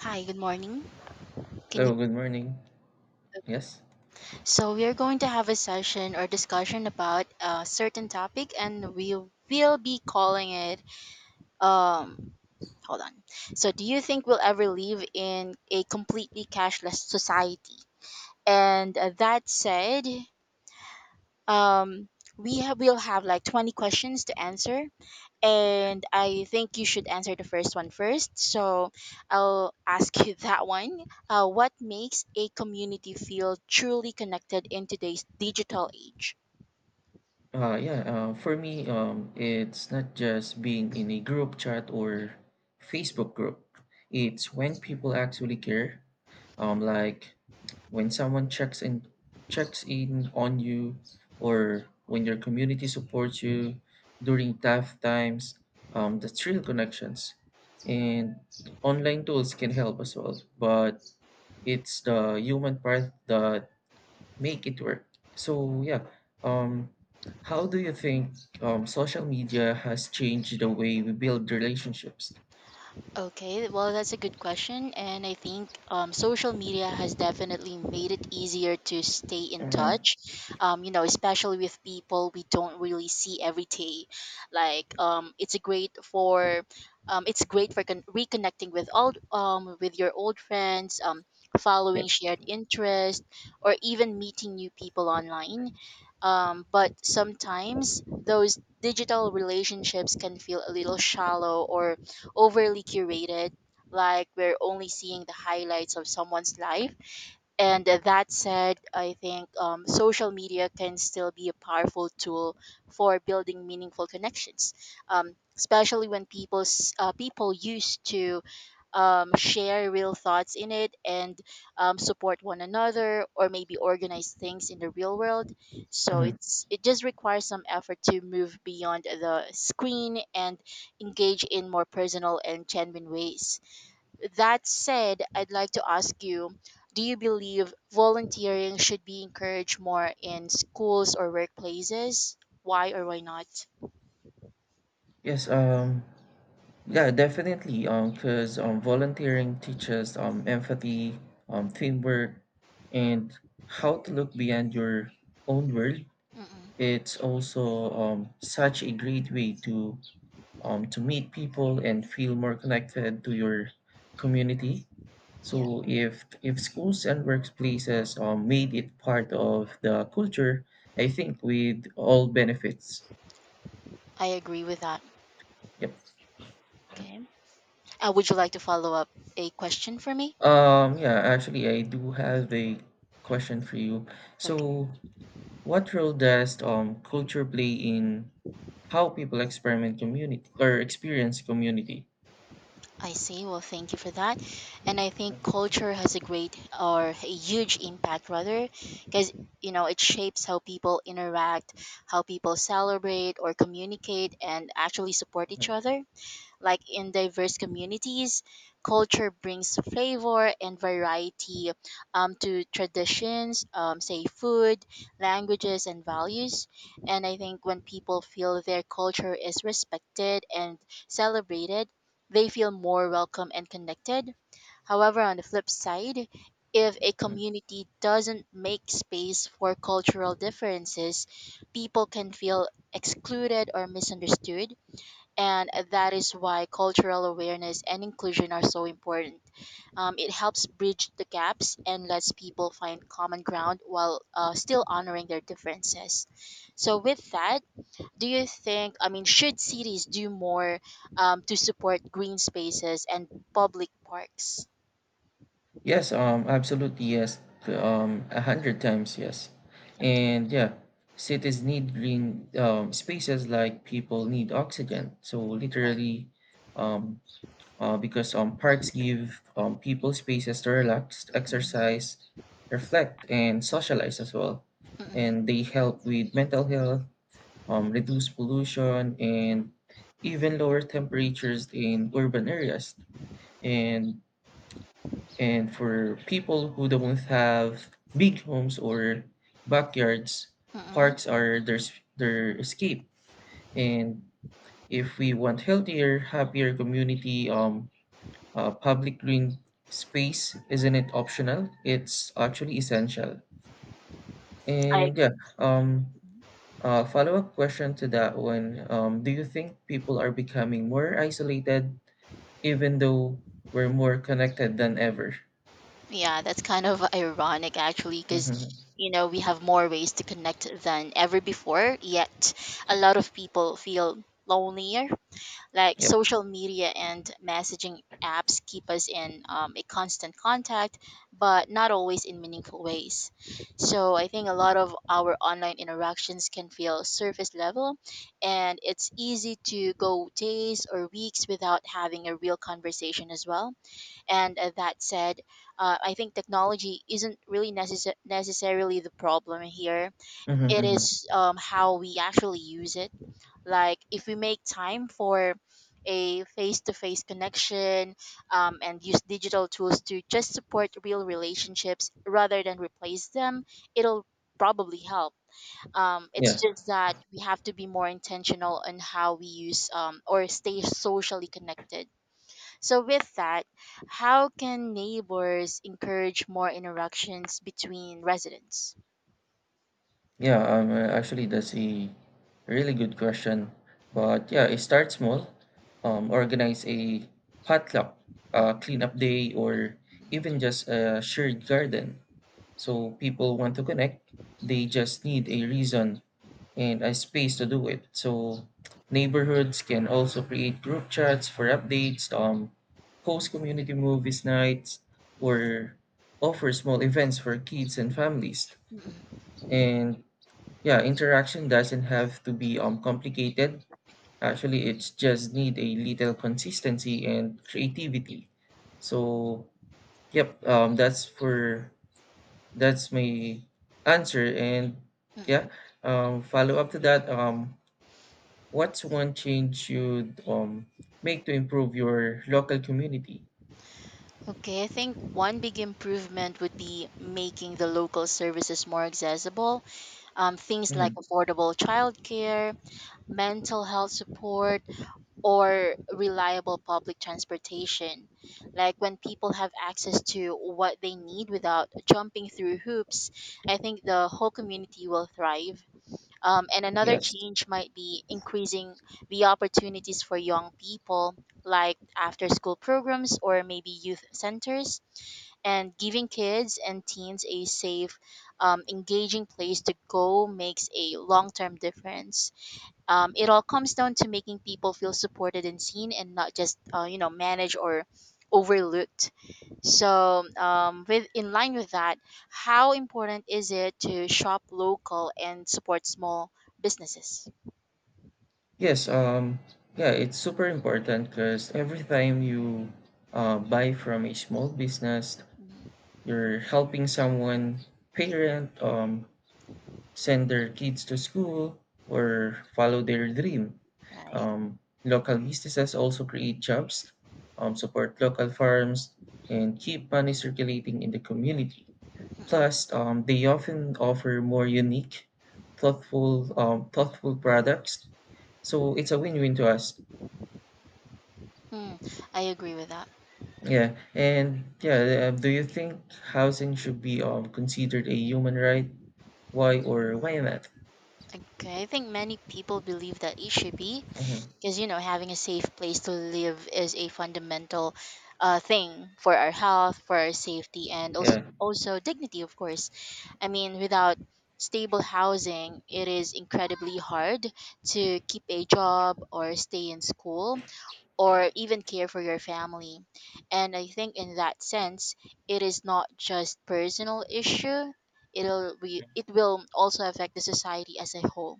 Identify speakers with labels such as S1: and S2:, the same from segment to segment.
S1: Hi, good morning. Can you?
S2: Hello, good morning. Yes.
S1: So we are going to have a session or discussion about a certain topic, and we will be calling it. Um, hold on. So, do you think we'll ever live in a completely cashless society? And that said, um, will have like 20 questions to answer, and I think you should answer the first one first. So I'll ask you that one. What makes a community feel truly connected in today's digital age?
S2: Yeah, for me, it's not just being in a group chat or Facebook group. It's when people actually care. Like when someone checks in on you, or when your community supports you during tough times. That's real connections, and online tools can help as well. But it's the human part that make it work. So yeah, um, how do you think social media has changed the way we build relationships?
S1: Okay, well, that's a good question. And I think social media has definitely made it easier to stay in
S2: Mm-hmm.
S1: touch, you know, especially with people we don't really see every day. Like, it's a great for. It's great for reconnecting with old with your old friends,
S2: Yeah.
S1: following shared interests, or even meeting new people online. But sometimes those digital relationships can feel a little shallow or overly curated, like we're only seeing the highlights of someone's life. And that said, I think social media can still be a powerful tool for building meaningful connections, especially when people people used to share real thoughts in it and support one another or maybe organize things in the real world. So
S2: Mm-hmm.
S1: it just requires some effort to move beyond the screen and engage in more personal and genuine ways. That said, I'd like to ask you, do you believe volunteering should be encouraged more in schools or workplaces? Why or why not?
S2: Yes. Yeah. Definitely. Because volunteering teaches empathy, teamwork, and how to look beyond your own world.
S1: Mm-mm.
S2: It's also such a great way to meet people and feel more connected to your community.
S1: Yeah,
S2: So if schools and workplaces made it part of the culture, I think we'd all benefits.
S1: I agree with that.
S2: Yep.
S1: Okay, would you like to follow up a question for me?
S2: Yeah, actually, I do have a question for you.
S1: Okay,
S2: So, what role does culture play in how people experiment community or experience community?
S1: I see. Well, thank you for that. And I think culture has a great or a huge impact, rather, because, you know, it shapes how people interact, how people celebrate or communicate, and actually support each other. Like in diverse communities, culture brings flavor and variety to traditions, say food, languages, and values. And I think when people feel their culture is respected and celebrated, they feel more welcome and connected. However, on the flip side, if a
S2: Mhm.
S1: community doesn't make space for cultural differences, people can feel excluded or misunderstood, and that is why cultural awareness and inclusion are so important. It helps bridge the gaps and lets people find common ground while still honoring their differences. So, with that, do you think, I mean, should cities do more to support green spaces and public parks?
S2: Yes, absolutely yes, a hundred times yes,
S1: Okay.
S2: and yeah, cities need green spaces like people need oxygen. So literally, um, because parks give people spaces to relax, exercise, reflect, and socialize as well,
S1: Mm-hmm.
S2: and they help with mental health, reduce pollution, and even lower temperatures in urban areas. And and for people who don't have big homes or backyards,
S1: Mm-hmm.
S2: parks are their escape. And if we want healthier, happier community, public green space isn't it optional? It's actually essential.
S1: I...
S2: And yeah, um, follow-up question to that one. Do you think people are becoming more isolated, even though we're more connected than ever?
S1: Yeah, that's kind of ironic actually, because
S2: Hmm.
S1: you know we have more ways to connect than ever before. Yet a lot of people feel lonelier. Like
S2: Yep.
S1: social media and messaging apps keep us in a constant contact, but not always in meaningful ways. So I think a lot of our online interactions can feel surface level, and it's easy to go days or weeks without having a real conversation as well. And that said, I think technology isn't really necessarily the problem here.
S2: Hmm.
S1: It
S2: Hmm.
S1: is how we actually use it. Like, if we make time for a face to face connection and use digital tools to just support real relationships rather than replace them, it'll probably help. It's
S2: Yeah.
S1: just that we have to be more intentional on how we use or stay socially connected. So, with that, how can neighbors encourage more interactions between residents?
S2: Yeah, actually, that's a really good question. But yeah, it starts small. Organize a potluck,
S1: Mm,
S2: cleanup day, or even just a shared garden. So people want to connect. They just need a reason and a space to do it. So neighborhoods can also create group chats for updates, host community movies nights, or offer small events for kids and families.
S1: mm, mm,
S2: And yeah, interaction doesn't have to be complicated. Actually, it's just need a little consistency and creativity. So, yep, that's my answer. And yeah,
S1: mm,
S2: follow up to that. What's one change you'd make to improve your
S1: mm.
S2: local community?
S1: Okay, I think one big improvement would be making the local services more accessible. Things like
S2: Mhm.
S1: affordable childcare, mental health support, or reliable public transportation. Like when people have access to what they need without jumping through hoops, I think the whole community will thrive. And another
S2: Yes.
S1: change might be increasing the opportunities for young people, like after school programs or maybe youth centers, and giving kids and teens a safe, engaging place to go makes a long term difference. It all comes down to making people feel supported and seen, and not just you know managed or overlooked. So, with in line with that, how important is it to shop local and support small businesses?
S2: Yes, yeah, it's super important because every time you buy from a small business,
S1: Mhm.
S2: you're helping someone parent send their kids to school or follow their dream.
S1: Right.
S2: um, Local businesses also create jobs, support local farms, and keep money circulating in the community.
S1: Mm,
S2: Plus they often offer more unique, thoughtful products, so it's a win-win to us.
S1: mm, I agree with that.
S2: Yeah. And yeah, do you think housing should be considered a human right? Why or why not?
S1: Okay, I think many people believe that it should be,
S2: Mhm.
S1: because you know having a safe place to live is a fundamental thing for our health, for our safety, and also
S2: Yeah,
S1: also dignity, of course. I mean, without stable housing, it is incredibly hard to keep a job or stay in school or even care for your family. And I think in that sense, it is not just personal issue. It will also affect the society as a whole.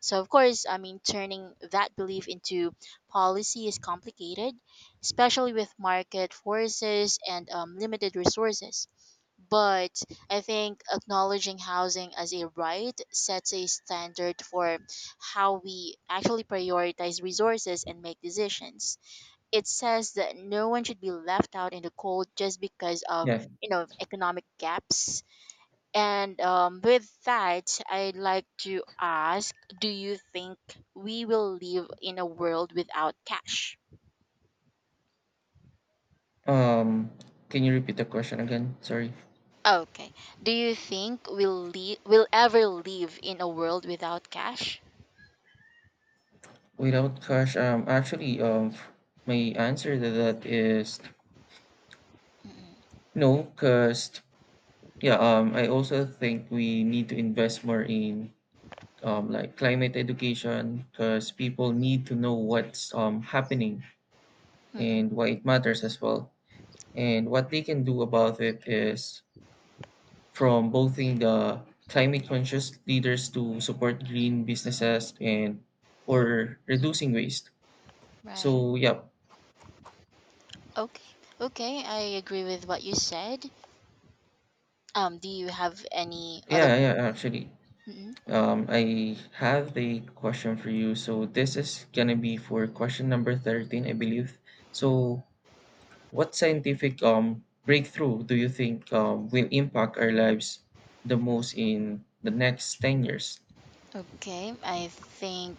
S1: So of course, I mean, turning that belief into policy is complicated, especially with market forces and limited resources. But I think acknowledging housing as a right sets a standard for how we actually prioritize resources and make decisions. It says that no one should be left out in the cold just because of
S2: yeah.
S1: you know economic gaps. And with that, I'd like to ask: do you think we will live in a world without cash?
S2: Um, can you repeat the question again? Sorry.
S1: Okay. Do you think we'll ever live in a world without cash?
S2: Without cash, actually, my answer to that is
S1: Mm.
S2: no, because yeah, I also think we need to invest more in like climate education, because people need to know what's happening
S1: Mm-mm,
S2: and why it matters as well, and what they can do about it is from bothing the climate conscious leaders to support green businesses and or reducing waste.
S1: right.
S2: So yeah,
S1: Okay. Okay, I agree with what you said. Do you have any other
S2: yeah, yeah. Actually,
S1: questions?
S2: I have a question for you. So this is gonna be for question number 13, I believe. So what scientific breakthrough do you think will impact our lives the most in the next 10 years?
S1: Mm-mm. Okay, I think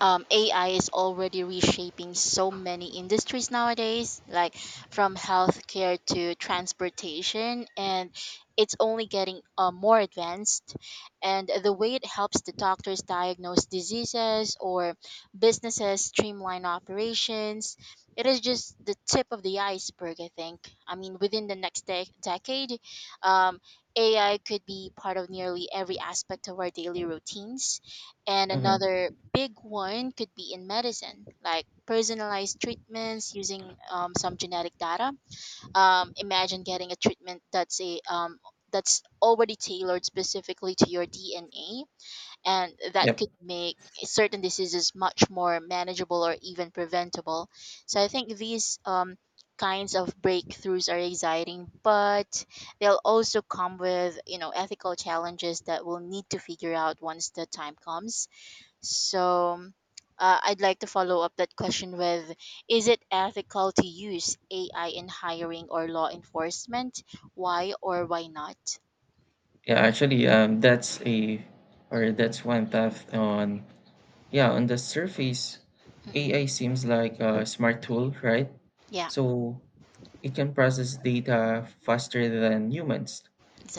S1: AI is already reshaping so many industries nowadays, like from healthcare to transportation, and it's only getting more advanced. And the way it helps the doctors diagnose diseases or businesses streamline operations, it is just the tip of the iceberg, I think. I mean, within the next decade, um, AI could be part of nearly every aspect of our daily routines, and
S2: Uh huh.
S1: another big one could be in medicine, like personalized treatments using some genetic data. Imagine getting a treatment that's a that's already tailored specifically to your DNA, and that
S2: Yep.
S1: could make certain diseases much more manageable or even preventable. So I think these kinds of breakthroughs are exciting, but they'll also come with you know ethical challenges that we'll need to figure out once the time comes. So I'd like to follow up that question with: is it ethical to use AI in hiring or law enforcement? Why or why not?
S2: Yeah. Actually, that's a or that's one path on, yeah, on the surface.
S1: Mm-mm.
S2: AI seems like a smart tool, right?
S1: Yeah,
S2: So it can process data faster than humans.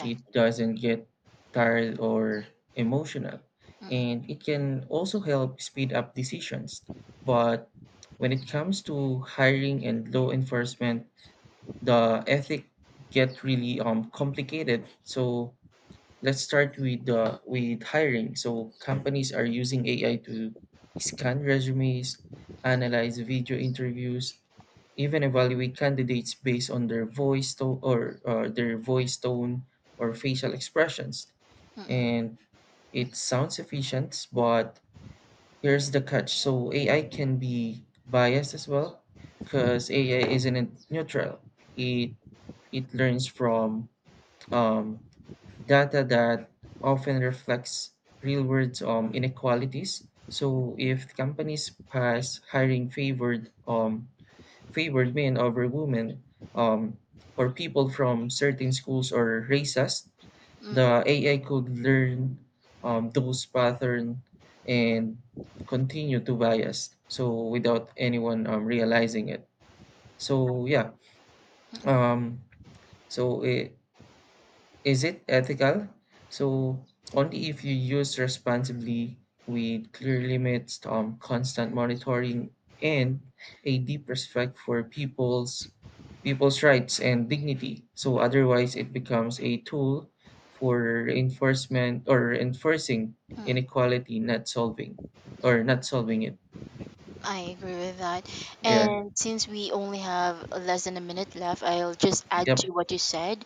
S2: It doesn't get tired or emotional,
S1: Mm-mm.
S2: and it can also help speed up decisions. But when it comes to hiring and law enforcement, the ethic get really complicated. So let's start with hiring. So companies are using AI to scan resumes, analyze video interviews, even evaluate candidates based on their voice tone or facial expressions.
S1: Mm-mm.
S2: And it sounds efficient, but here's the catch. So AI can be biased as well, because AI isn't neutral. It it learns from um, data that often reflects real world inequalities. So if companies pass hiring favored men over women, um, or people from certain schools or races,
S1: Mm-mm.
S2: the AI could learn those pattern and continue to bias. So without anyone realizing it. So
S1: Mm-mm.
S2: yeah,
S1: Mm-mm.
S2: um, so eh, is it ethical? So only if you use responsibly with clear limits, constant monitoring, and a deep respect for people's rights and dignity. So otherwise, it becomes a tool for enforcement or enforcing inequality, not solving or not solving it.
S1: I agree with that.
S2: Yeah.
S1: And since we only have less than a minute left, I'll just add
S2: Yep.
S1: to what you said.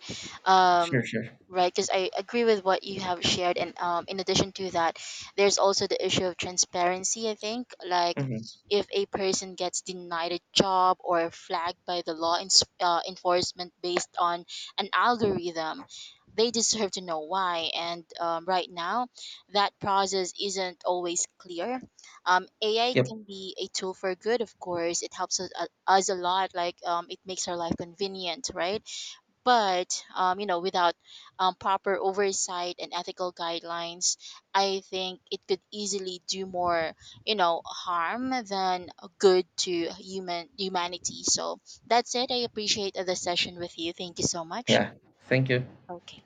S2: Sure.
S1: Um,
S2: Sure.
S1: right, because I agree with what you have shared. And in addition to that, there's also the issue of transparency, I think. Like,
S2: Hmm.
S1: if a person gets denied a job or flagged by the law ens enforcement based on an algorithm, they deserve to know why. And right now, that process isn't always clear. Um, AI
S2: Yep.
S1: can be a tool for good, of course. It helps us, us a lot, like it makes our life convenient, right? But, you know, without proper oversight and ethical guidelines, I think it could easily do more, you know, harm than good to humanity. So that's it. I appreciate the session with you. Thank you so much.
S2: Yeah. Thank you.
S1: Okay.